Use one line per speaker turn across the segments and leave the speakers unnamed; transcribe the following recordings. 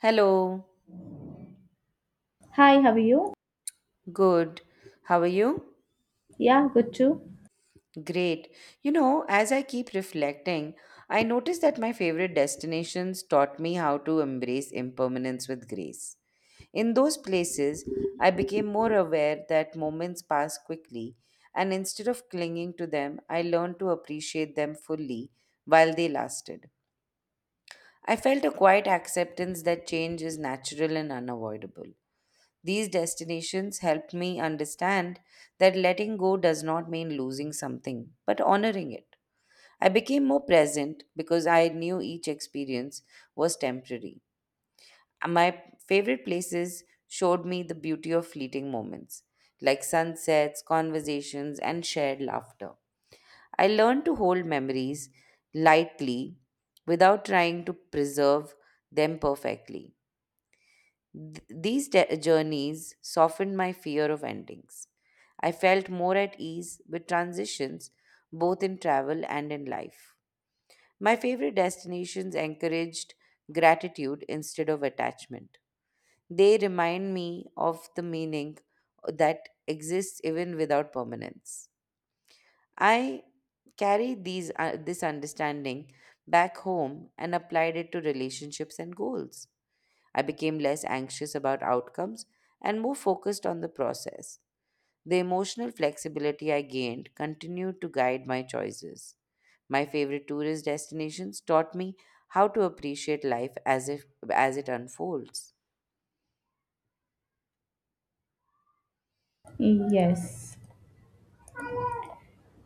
Hello,
Hi, how are you?
good. How are you?
Yeah, good too.
Great. You know, as I keep reflecting, I notice that my favorite destinations taught me how to embrace impermanence with grace. In those places, I became more aware that moments pass quickly, and instead of clinging to them, I learned to appreciate them fully while they lasted. I felt a quiet acceptance that change is natural and unavoidable. These destinations helped me understand that letting go does not mean losing something, but honoring it. I became more present because I knew each experience was temporary. My favorite places showed me the beauty of fleeting moments, like sunsets, conversations, and shared laughter. I learned to hold memories lightly without trying to preserve them perfectly. These journeys softened my fear of endings. I felt more at ease with transitions both in travel and in life. My favorite destinations encouraged gratitude instead of attachment. They remind me of the meaning that exists even without permanence. I carried this understanding back home and applied it to relationships and goals. I became less anxious about outcomes and more focused on the process. The emotional flexibility I gained continued to guide my choices. My favorite tourist destinations taught me how to appreciate life as if as it unfolds.
Yes.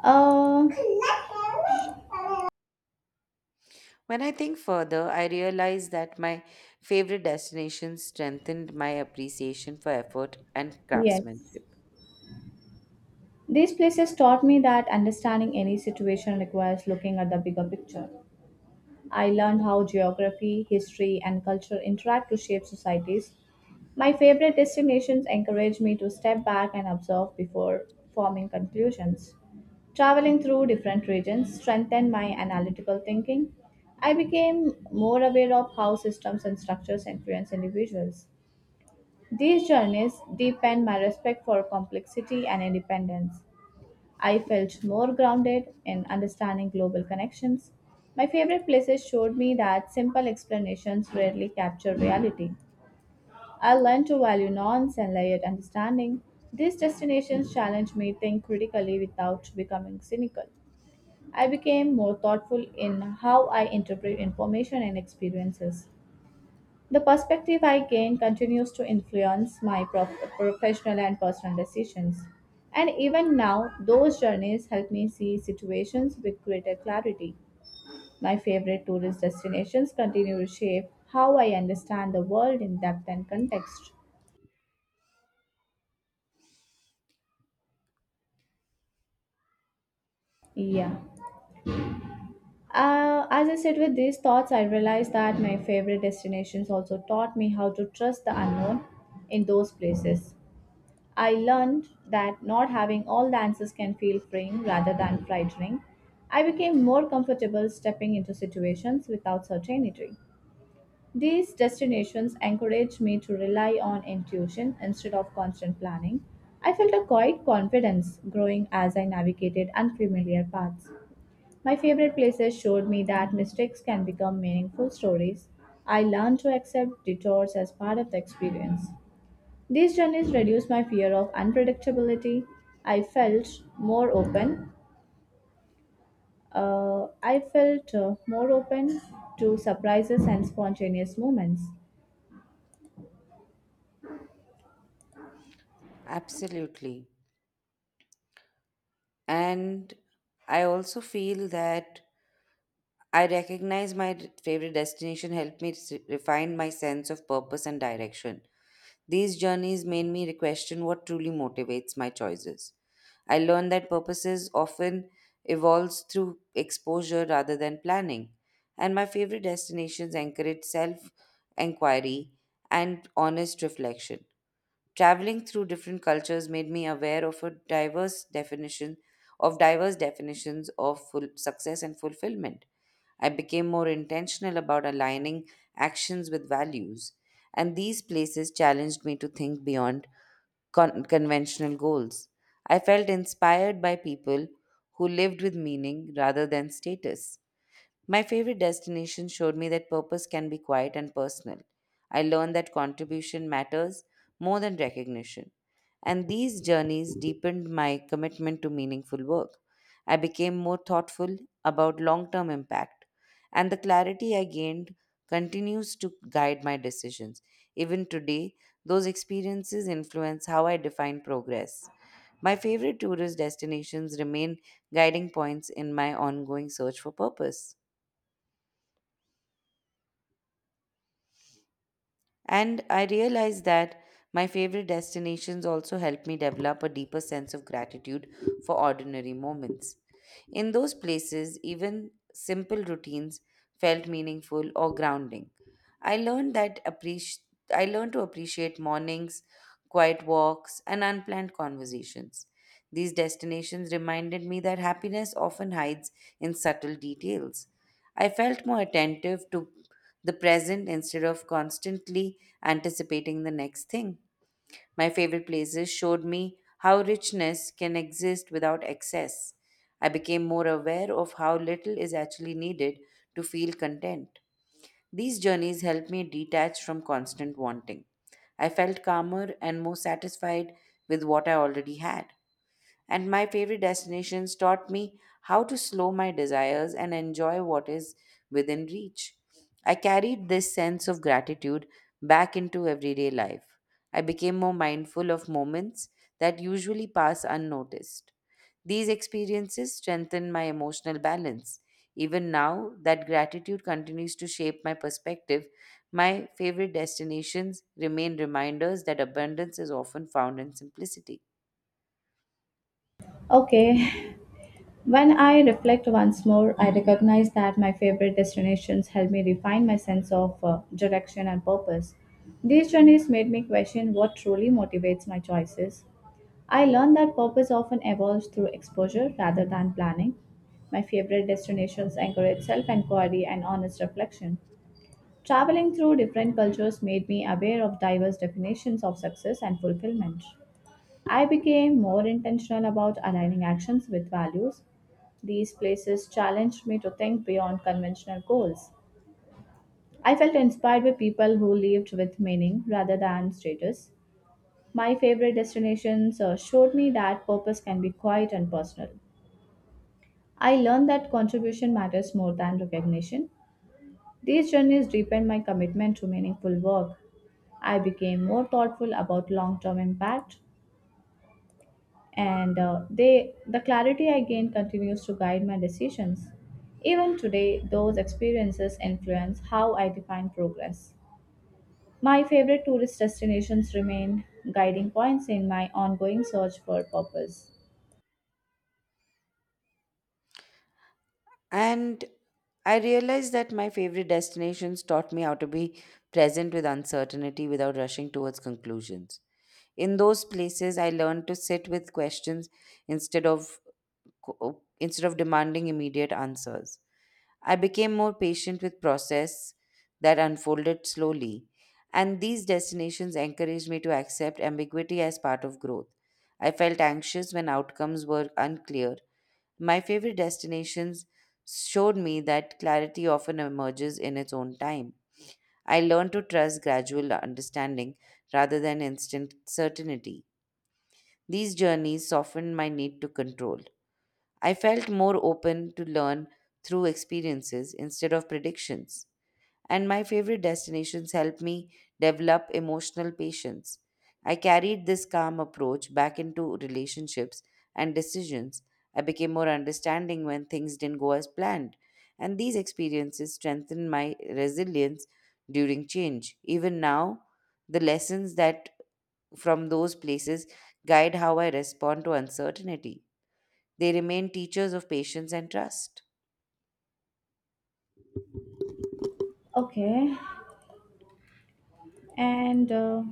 Uh,
When I think further, I realize that my favorite destinations strengthened my appreciation for effort and
yes.
craftsmanship.
These places taught me that understanding any situation requires looking at the bigger picture. I learned how geography, history, and culture interact to shape societies. My favorite destinations encourage me to step back and observe before forming conclusions. Traveling through different regions strengthened my analytical thinking. I became more aware of how systems and structures influence individuals. These journeys deepened my respect for complexity and independence. I felt more grounded in understanding global connections. My favorite places showed me that simple explanations rarely capture reality. I learned to value nuance and layered understanding. These destinations challenged me to think critically without becoming cynical. I became more thoughtful in how I interpret information and experiences. The perspective I gain continues to influence my professional and personal decisions. And even now, those journeys help me see situations with greater clarity. My favorite tourist destinations continue to shape how I understand the world in depth and context. Yeah. As I sit with these thoughts, I realize that my favorite destinations also taught me how to trust the unknown in those places. I learned that not having all the answers can feel freeing rather than frightening. I became more comfortable stepping into situations without certainty. These destinations encouraged me to rely on intuition instead of constant planning. I felt a quiet confidence growing as I navigated unfamiliar paths. My favorite places showed me that mistakes can become meaningful stories. I learned to accept detours as part of the experience. These journeys reduced my fear of unpredictability. I felt more open. I felt more open to surprises and spontaneous moments.
Absolutely. And I also feel that I recognize my favorite destination helped me refine my sense of purpose and direction. These journeys made me question what truly motivates my choices. I learned that purposes often evolves through exposure rather than planning, and my favorite destinations encourage self-inquiry and honest reflection. Traveling through different cultures made me aware of a diverse definition of diverse definitions of full success and fulfillment. I became more intentional about aligning actions with values, and these places challenged me to think beyond conventional goals. I felt inspired by people who lived with meaning rather than status. My favorite destination showed me that purpose can be quiet and personal. I learned that contribution matters more than recognition. And these journeys deepened my commitment to meaningful work. I became more thoughtful about long term impact. And the clarity I gained continues to guide my decisions. Even today, those experiences influence how I define progress. My favorite tourist destinations remain guiding points in my ongoing search for purpose. And I realized that my favorite destinations also help me develop a deeper sense of gratitude for ordinary moments. In those places, even simple routines felt meaningful or grounding. I learned that appreci- I learned to appreciate mornings, quiet walks, and unplanned conversations. These destinations reminded me that happiness often hides in subtle details. I felt more attentive to the present instead of constantly anticipating the next thing. My favorite places showed me how richness can exist without excess. I became more aware of how little is actually needed to feel content. These journeys helped me detach from constant wanting. I felt calmer and more satisfied with what I already had. And my favorite destinations taught me how to slow my desires and enjoy what is within reach. I carried this sense of gratitude back into everyday life. I became more mindful of moments that usually pass unnoticed. These experiences strengthen my emotional balance. Even now that gratitude continues to shape my perspective, my favorite destinations remain reminders that abundance is often found in simplicity.
Okay, when I reflect once more, I recognize that my favorite destinations helped me refine my sense of direction and purpose. These journeys made me question what truly motivates my choices. I learned that purpose often evolves through exposure rather than planning. My favorite destinations encourage self inquiry and honest reflection. Traveling through different cultures made me aware of diverse definitions of success and fulfillment. I became more intentional about aligning actions with values. These places challenged me to think beyond conventional goals. I felt inspired by people who lived with meaning rather than status. My favorite destinations showed me that purpose can be quiet and personal. I learned that contribution matters more than recognition. These journeys deepened my commitment to meaningful work. I became more thoughtful about long-term impact, and the clarity I gained continues to guide my decisions. Even today, those experiences influence how I define progress. My favorite tourist destinations remain guiding points in my ongoing search for purpose.
And I realized that my favorite destinations taught me how to be present with uncertainty without rushing towards conclusions. In those places, I learned to sit with questions instead of instead of demanding immediate answers. I became more patient with process that unfolded slowly, and these destinations encouraged me to accept ambiguity as part of growth. I felt anxious when outcomes were unclear. My favorite destinations showed me that clarity often emerges in its own time. I learned to trust gradual understanding rather than instant certainty. These journeys softened my need to control. I felt more open to learn through experiences instead of predictions, and my favorite destinations helped me develop emotional patience. I carried this calm approach back into relationships and decisions. I became more understanding when things didn't go as planned, and these experiences strengthened my resilience during change. Even now, the lessons that from those places guide how I respond to uncertainty. They remain teachers of patience and trust.
Okay, and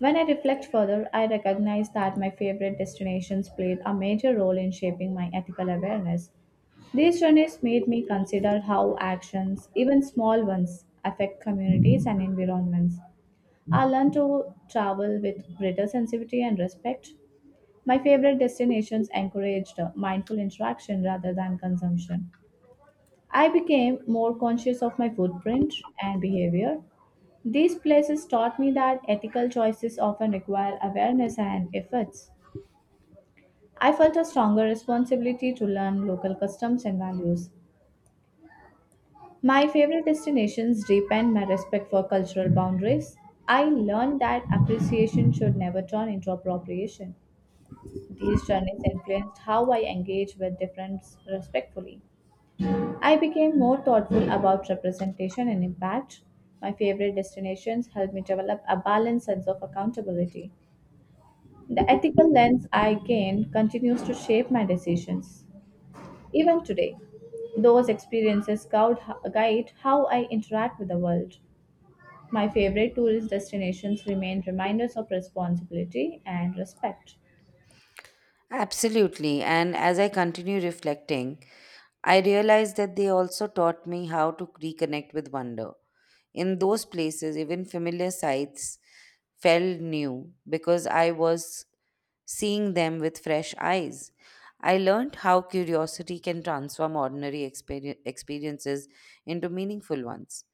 when I reflect further, I recognize that my favorite destinations played a major role in shaping my ethical awareness. These journeys made me consider how actions, even small ones, affect communities and environments. I learned to travel with greater sensitivity and respect. My favorite destinations encouraged mindful interaction rather than consumption. I became more conscious of my footprint and behavior. These places taught me that ethical choices often require awareness and efforts. I felt a stronger responsibility to learn local customs and values. My favorite destinations deepened my respect for cultural boundaries. I learned that appreciation should never turn into appropriation. These journeys influenced how I engage with difference respectfully. I became more thoughtful about representation and impact. My favorite destinations helped me develop a balanced sense of accountability. The ethical lens I gained continues to shape my decisions. Even today, those experiences guide how I interact with the world. My favorite tourist destinations remain reminders of responsibility and respect.
Absolutely. And as I continue reflecting, I realized that they also taught me how to reconnect with wonder. In those places, even familiar sights felt new because I was seeing them with fresh eyes. I learned how curiosity can transform ordinary experiences into meaningful ones.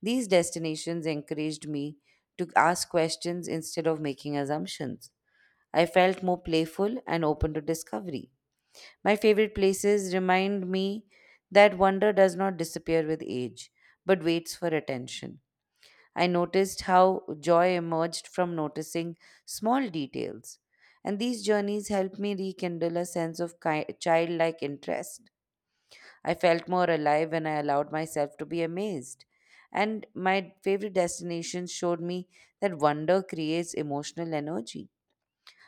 These destinations encouraged me to ask questions instead of making assumptions. I felt more playful and open to discovery. My favorite places remind me that wonder does not disappear with age, but waits for attention. I noticed how joy emerged from noticing small details, and these journeys helped me rekindle a sense of childlike interest. I felt more alive when I allowed myself to be amazed. And my favorite destinations showed me that wonder creates emotional energy.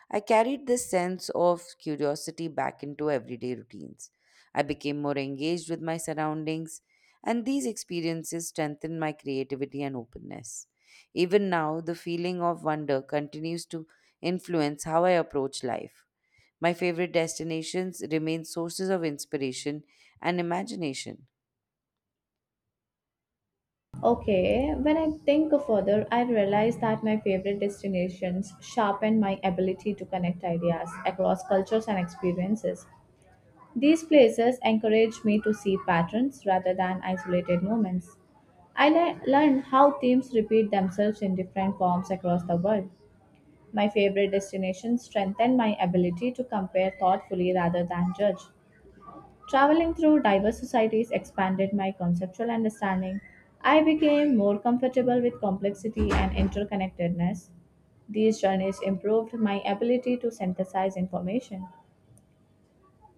I carried this sense of curiosity back into everyday routines. I became more engaged with my surroundings, and these experiences strengthened my creativity and openness. Even now, the feeling of wonder continues to influence how I approach life. My favorite destinations remain sources of inspiration and imagination.
Okay, when I think further, I realize that my favorite destinations sharpen my ability to connect ideas across cultures and experiences. These places encourage me to see patterns rather than isolated moments. I learned how themes repeat themselves in different forms across the world. My favorite destinations strengthened my ability to compare thoughtfully rather than judge. Traveling through diverse societies expanded my conceptual understanding. I became more comfortable with complexity and interconnectedness. These journeys improved my ability to synthesize information.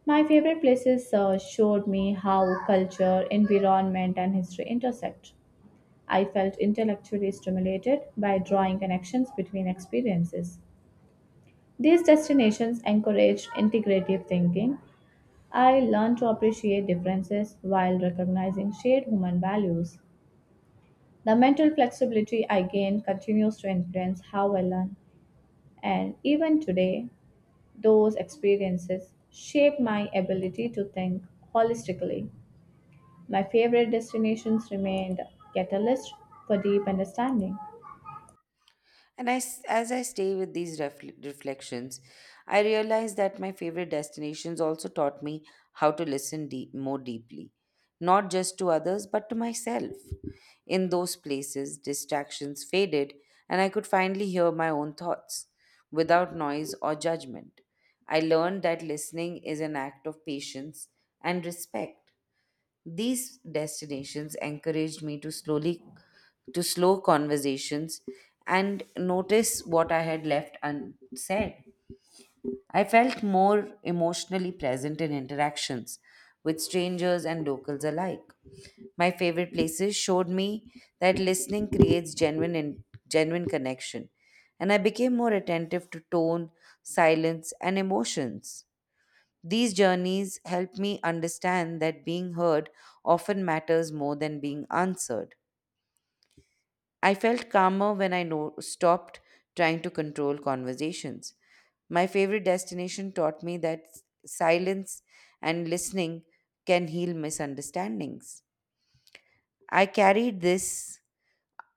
My favorite places showed me how culture, environment, and history intersect. I felt intellectually stimulated by drawing connections between experiences. These destinations encouraged integrative thinking. I learned to appreciate differences while recognizing shared human values. The mental flexibility I gained continues to influence how I learn, and even today, those experiences shape my ability to think holistically. My favorite destinations remained catalysts for deep understanding.
And I s As I stay with these reflections, I realize that my favorite destinations also taught me how to more deeply, not just to others, but to myself. In those places, distractions faded, and I could finally hear my own thoughts without noise or judgment. I learned that listening is an act of patience and respect. These destinations encouraged me to slow conversations and notice what I had left unsaid. I felt more emotionally present in interactions with strangers and locals alike. My favorite places showed me that listening creates genuine connection, and I became more attentive to tone, silence, and emotions. These journeys help me understand that being heard often matters more than being answered. I felt calmer when I stopped trying to control conversations. My favorite destination taught me that silence and listening can heal misunderstandings. I carried this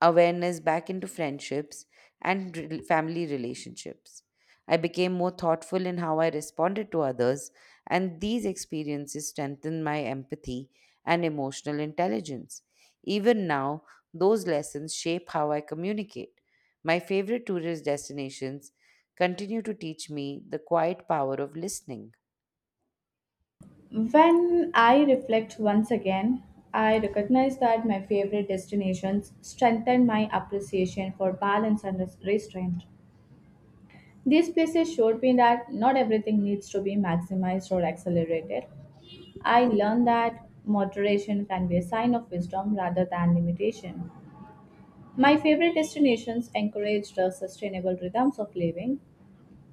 awareness back into friendships and family relationships. I became more thoughtful in how I responded to others, and these experiences strengthened my empathy and emotional intelligence. Even now, those lessons shape how I communicate. My favorite tourist destinations continue to teach me the quiet power of listening.
When I reflect once again, I recognize that my favorite destinations strengthened my appreciation for balance and restraint. These places showed me that not everything needs to be maximized or accelerated. I learned that moderation can be a sign of wisdom rather than limitation. My favorite destinations encouraged the sustainable rhythms of living.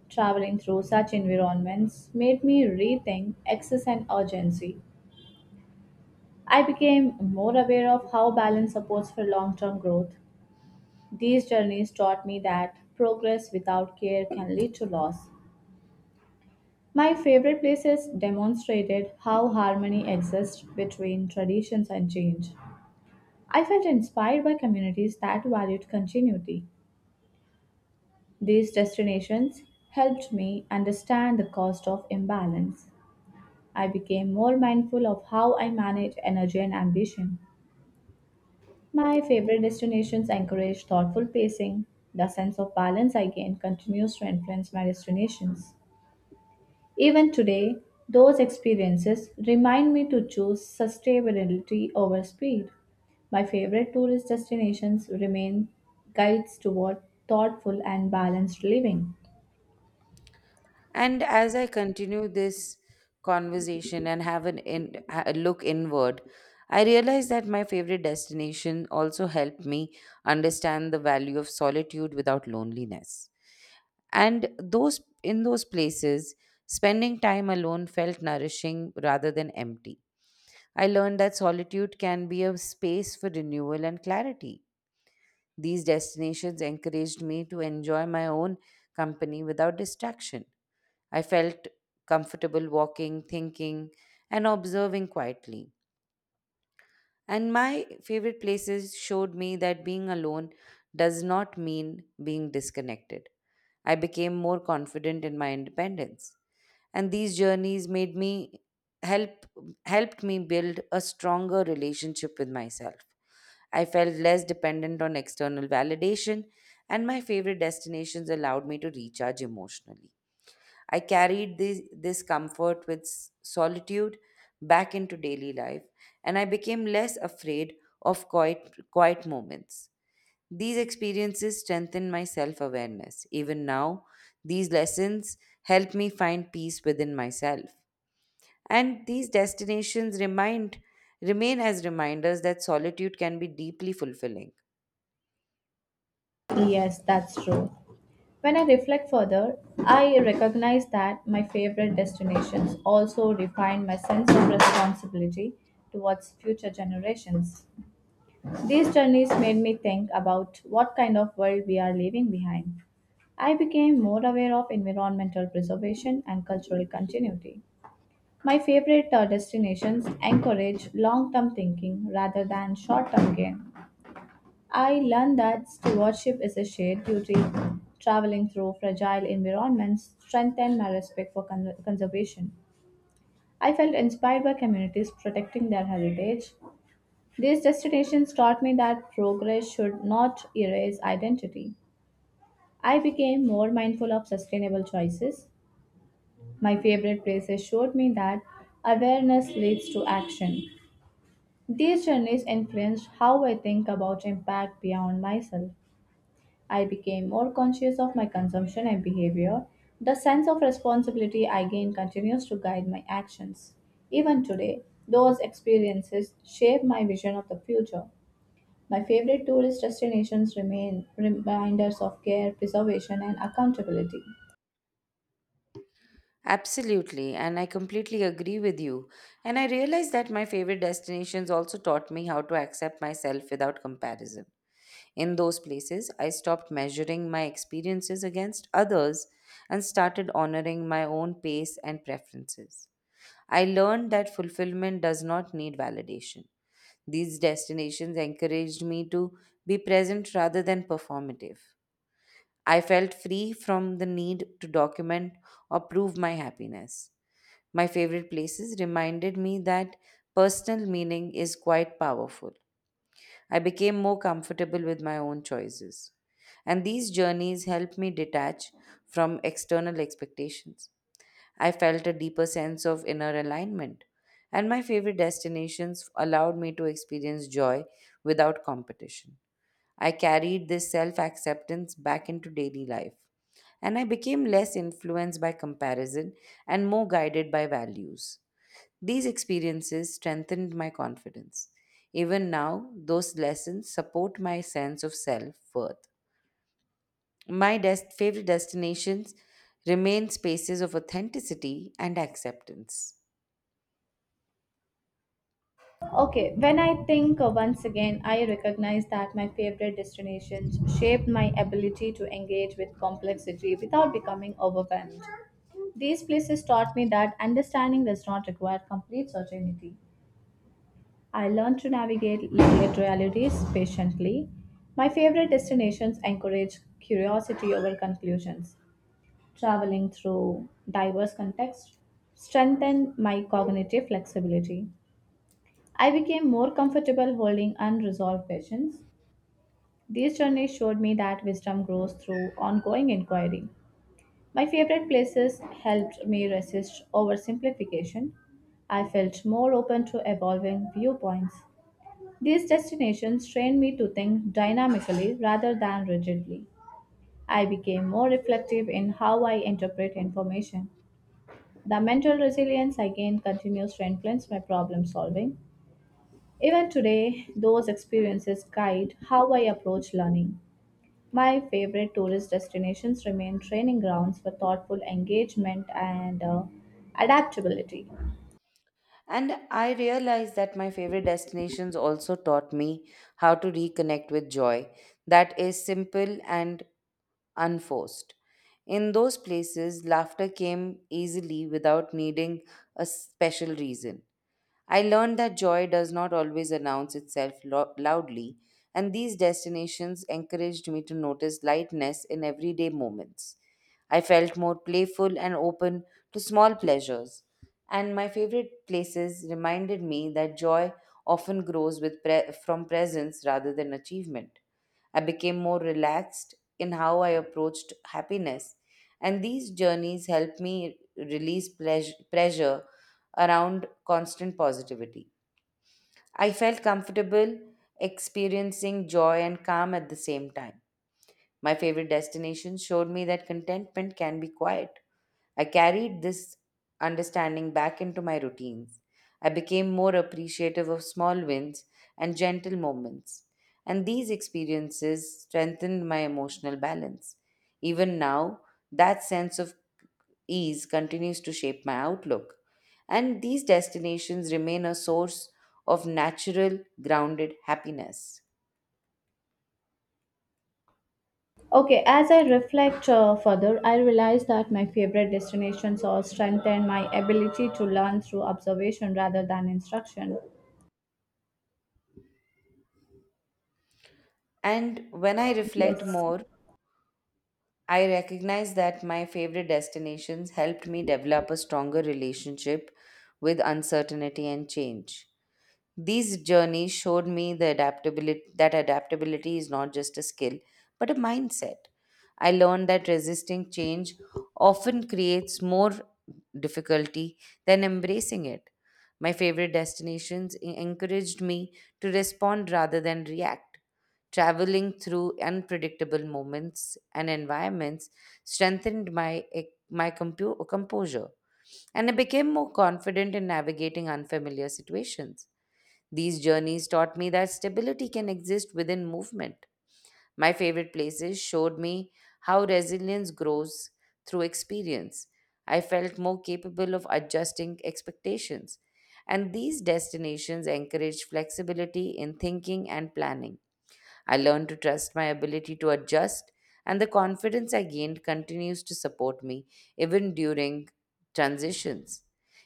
Traveling through such environments made me rethink excess and urgency. I became more aware of how balance supports for long term growth. These journeys taught me that progress without care can lead to loss. My favorite places demonstrated how harmony exists between traditions and change. I felt inspired by communities that valued continuity. These destinations helped me understand the cost of imbalance. I became more mindful of how I manage energy and ambition. My favorite destinations encourage thoughtful pacing. The sense of balance I gain continues to influence my destinations. Even today, those experiences remind me to choose sustainability over speed. My favorite tourist destinations remain guides toward thoughtful and balanced living.
And as I continue this conversation and have an in, ha- a look inward, I realize that my favorite destination also helped me understand the value of solitude without loneliness. And those in those places, spending time alone felt nourishing rather than empty. I learned that solitude can be a space for renewal and clarity. These destinations encouraged me to enjoy my own company without distraction. I felt comfortable walking, thinking, and observing quietly. And my favorite places showed me that being alone does not mean being disconnected. I became more confident in my independence. And these journeys made me help helped me build a stronger relationship with myself. I felt less dependent on external validation, and my favorite destinations allowed me to recharge emotionally. I carried this comfort with solitude back into daily life, and I became less afraid of quiet moments. These experiences strengthened my self awareness. Even now, these lessons help me find peace within myself. And these destinations remain as reminders that solitude can be deeply fulfilling.
Yes, that's true. When I reflect further, I recognize that my favorite destinations also define my sense of responsibility towards future generations. These journeys made me think about what kind of world we are leaving behind. I became more aware of environmental preservation and cultural continuity. My favorite destinations encourage long term thinking rather than short term gain. I learned that stewardship is a shared duty. Traveling through fragile environments strengthened my respect for conservation. I felt inspired by communities protecting their heritage. These destinations taught me that progress should not erase identity. I became more mindful of sustainable choices. My favorite places showed me that awareness leads to action. These journeys influenced how I think about impact beyond myself. I became more conscious of my consumption and behavior. The sense of responsibility I gain continues to guide my actions. Even today, those experiences shape my vision of the future. My favorite tourist destinations remain reminders of care, preservation, and accountability.
Absolutely, and I completely agree with you. And I realized that my favorite destinations also taught me how to accept myself without comparison. In those places, I stopped measuring my experiences against others and started honoring my own pace and preferences. I learned that fulfillment does not need validation. These destinations encouraged me to be present rather than performative. I felt free from the need to document or prove my happiness. My favorite places reminded me that personal meaning is quite powerful. I became more comfortable with my own choices. And these journeys helped me detach from external expectations. I felt a deeper sense of inner alignment. And my favorite destinations allowed me to experience joy without competition. I carried this self acceptance back into daily life. And I became less influenced by comparison and more guided by values. These experiences strengthened my confidence. Even now, those lessons support my sense of self worth. My favorite destinations remain spaces of authenticity and acceptance.
Okay, when I think once again, I recognize that my favorite destinations shaped my ability to engage with complexity without becoming overwhelmed. These places taught me that understanding does not require complete certainty. I learned to navigate late realities patiently. My favorite destinations encourage curiosity over conclusions. Traveling through diverse contexts strengthened my cognitive flexibility. I became more comfortable holding unresolved questions. These journeys showed me that wisdom grows through ongoing inquiry. My favorite places helped me resist oversimplification. I felt more open to evolving viewpoints. These destinations trained me to think dynamically rather than rigidly. I became more reflective in how I interpret information. The mental resilience I gained continues to influence my problem solving. Even today, those experiences guide how I approach learning. My favorite tourist destinations remain training grounds for thoughtful engagement and adaptability.
And I realized that my favorite destinations also taught me how to reconnect with joy that is simple and unforced. In those places, laughter came easily without needing a special reason. I learned that joy does not always announce itself loudly, and these destinations encouraged me to notice lightness in everyday moments. I felt more playful and open to small pleasures, and my favorite places reminded me that joy often grows with from presence rather than achievement. I became more relaxed in how I approached happiness, and these journeys helped me release pressure around constant positivity. I felt comfortable, experiencing joy and calm at the same time. My favorite destination showed me that contentment can be quiet. I carried this understanding back into my routines. I became more appreciative of small wins and gentle moments. And these experiences strengthened my emotional balance. Even now, that sense of ease continues to shape my outlook. And these destinations remain a source of natural, grounded happiness.
Okay, as I reflect further, I realize that my favorite destinations all strengthen my ability to learn through observation rather than instruction.
And when I reflect
Yes,
more, I recognize that my favorite destinations helped me develop a stronger relationship with uncertainty and change. These journeys showed me the adaptability that adaptability is not just a skill but a mindset. I learned that resisting change often creates more difficulty than embracing it. My favorite destinations encouraged me to respond rather than react. Traveling through unpredictable moments and environments strengthened my composure, and I became more confident in navigating unfamiliar situations. These journeys taught me that stability can exist within movement. My favorite places showed me how resilience grows through experience. I felt more capable of adjusting expectations. And these destinations encourage flexibility in thinking and planning. I learned to trust my ability to adjust, and the confidence I gained continues to support me even during transitions.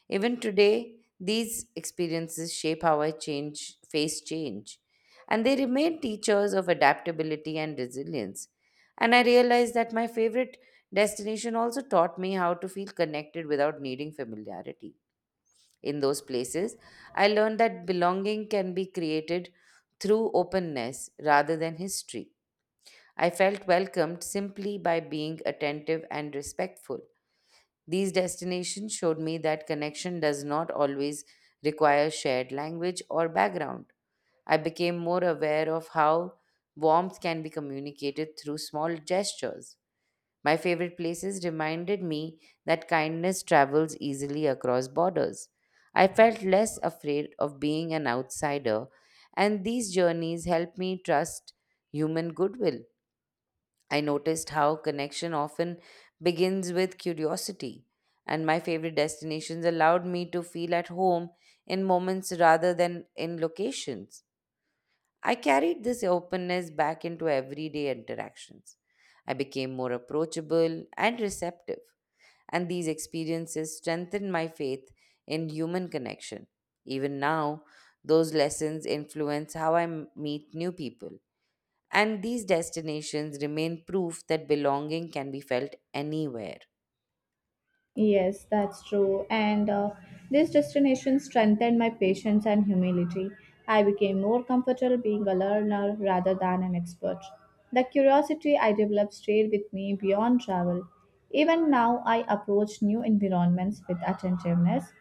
Even today, these experiences shape how I change, face change, and they remain teachers of adaptability and resilience. And I realized that my favorite destination also taught me how to feel connected without needing familiarity. In those places, I learned that belonging can be created through openness rather than history. I felt welcomed simply by being attentive and respectful. These destinations showed me that connection does not always require shared language or background. I became more aware of how warmth can be communicated through small gestures. My favorite places reminded me that kindness travels easily across borders. I felt less afraid of being an outsider, and these journeys helped me trust human goodwill. I noticed how connection often begins with curiosity, and my favorite destinations allowed me to feel at home in moments rather than in locations. I carried this openness back into everyday interactions. I became more approachable and receptive, and these experiences strengthened my faith in human connection. Even now, those lessons influence how I meet new people, and these destinations remain proof that belonging can be felt anywhere.
yes, that's true. And This destination strengthened my patience and humility. I became more comfortable being a learner rather than an expert. The curiosity I developed stayed with me beyond travel. Even now, I approach new environments with attentiveness.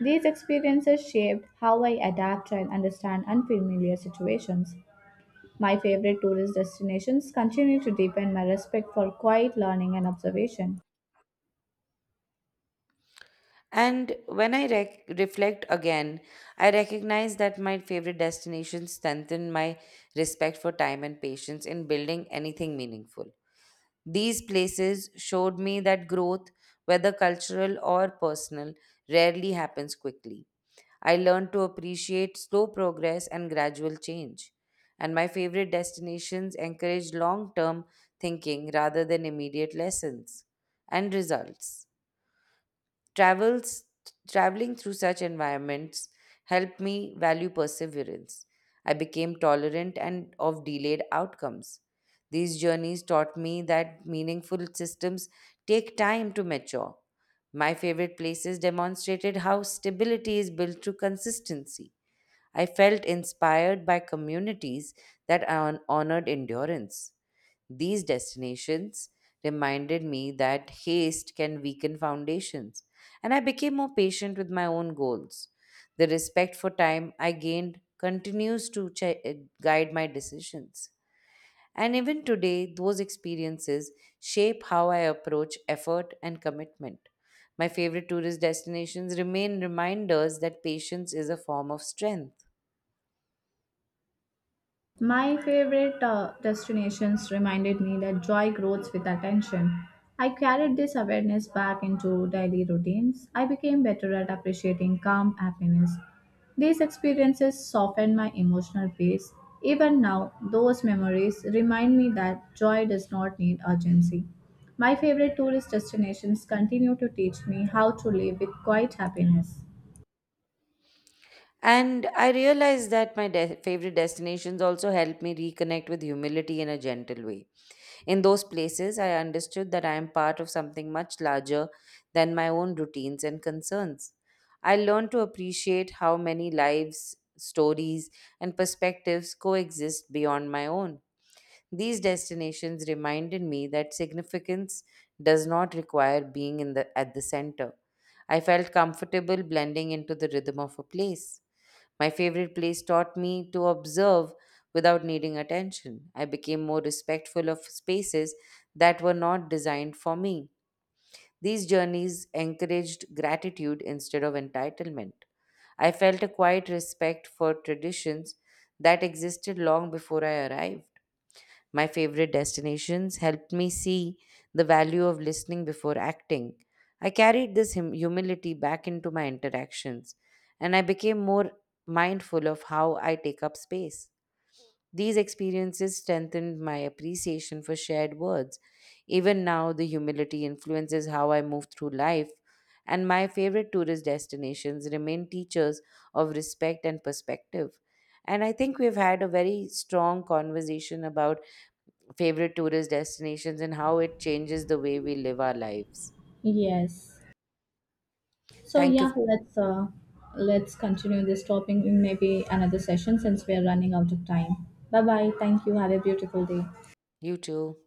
These experiences shaped how I adapt and understand unfamiliar situations. My favorite tourist destinations continue to deepen my respect for quiet learning and observation.
And when I reflect again, I recognize that my favorite destinations strengthen my respect for time and patience in building anything meaningful. These places showed me that growth, whether cultural or personal, rarely happens quickly. I learned to appreciate slow progress and gradual change. And my favorite destinations encourage long term thinking rather than immediate lessons and results. Travels, Traveling through such environments helped me value perseverance. I became tolerant and of delayed outcomes. These journeys taught me that meaningful systems take time to mature. My favorite places demonstrated how stability is built through consistency. I felt inspired by communities that honored endurance. These destinations reminded me that haste can weaken foundations, and I became more patient with my own goals. The respect for time I gained continues to guide my decisions. And even today, those experiences shape how I approach effort and commitment. My favorite tourist destinations remain reminders that patience is a form of strength.
My favorite destinations reminded me that joy grows with attention. I carried this awareness back into daily routines. I became better at appreciating calm happiness. These experiences softened my emotional pace. Even now, those memories remind me that joy does not need urgency. My favorite tourist destinations continue to teach me how to live with quiet happiness.
And I realized that my favorite destinations also helped me reconnect with humility in a gentle way. In those places, I understood that I am part of something much larger than my own routines and concerns. I learned to appreciate how many lives, stories, and perspectives coexist beyond my own. These destinations reminded me that significance does not require being at the center. I felt comfortable blending into the rhythm of a place. My favorite place taught me to observe without needing attention. I became more respectful of spaces that were not designed for me. These journeys encouraged gratitude instead of entitlement. I felt a quiet respect for traditions that existed long before I arrived. My favorite destinations helped me see the value of listening before acting. I carried this humility back into my interactions, and I became more mindful of how I take up space. These experiences strengthened my appreciation for shared words. Even now, the humility influences how I move through life, and my favorite tourist destinations remain teachers of respect and perspective. And I think we've had a very strong conversation about favorite tourist destinations and how it changes the way we live our lives.
Yes. So
Thank you.
yeah, let's continue this topic in maybe another session since we are running out of time. Bye bye. Thank you. Have a beautiful day.
You too.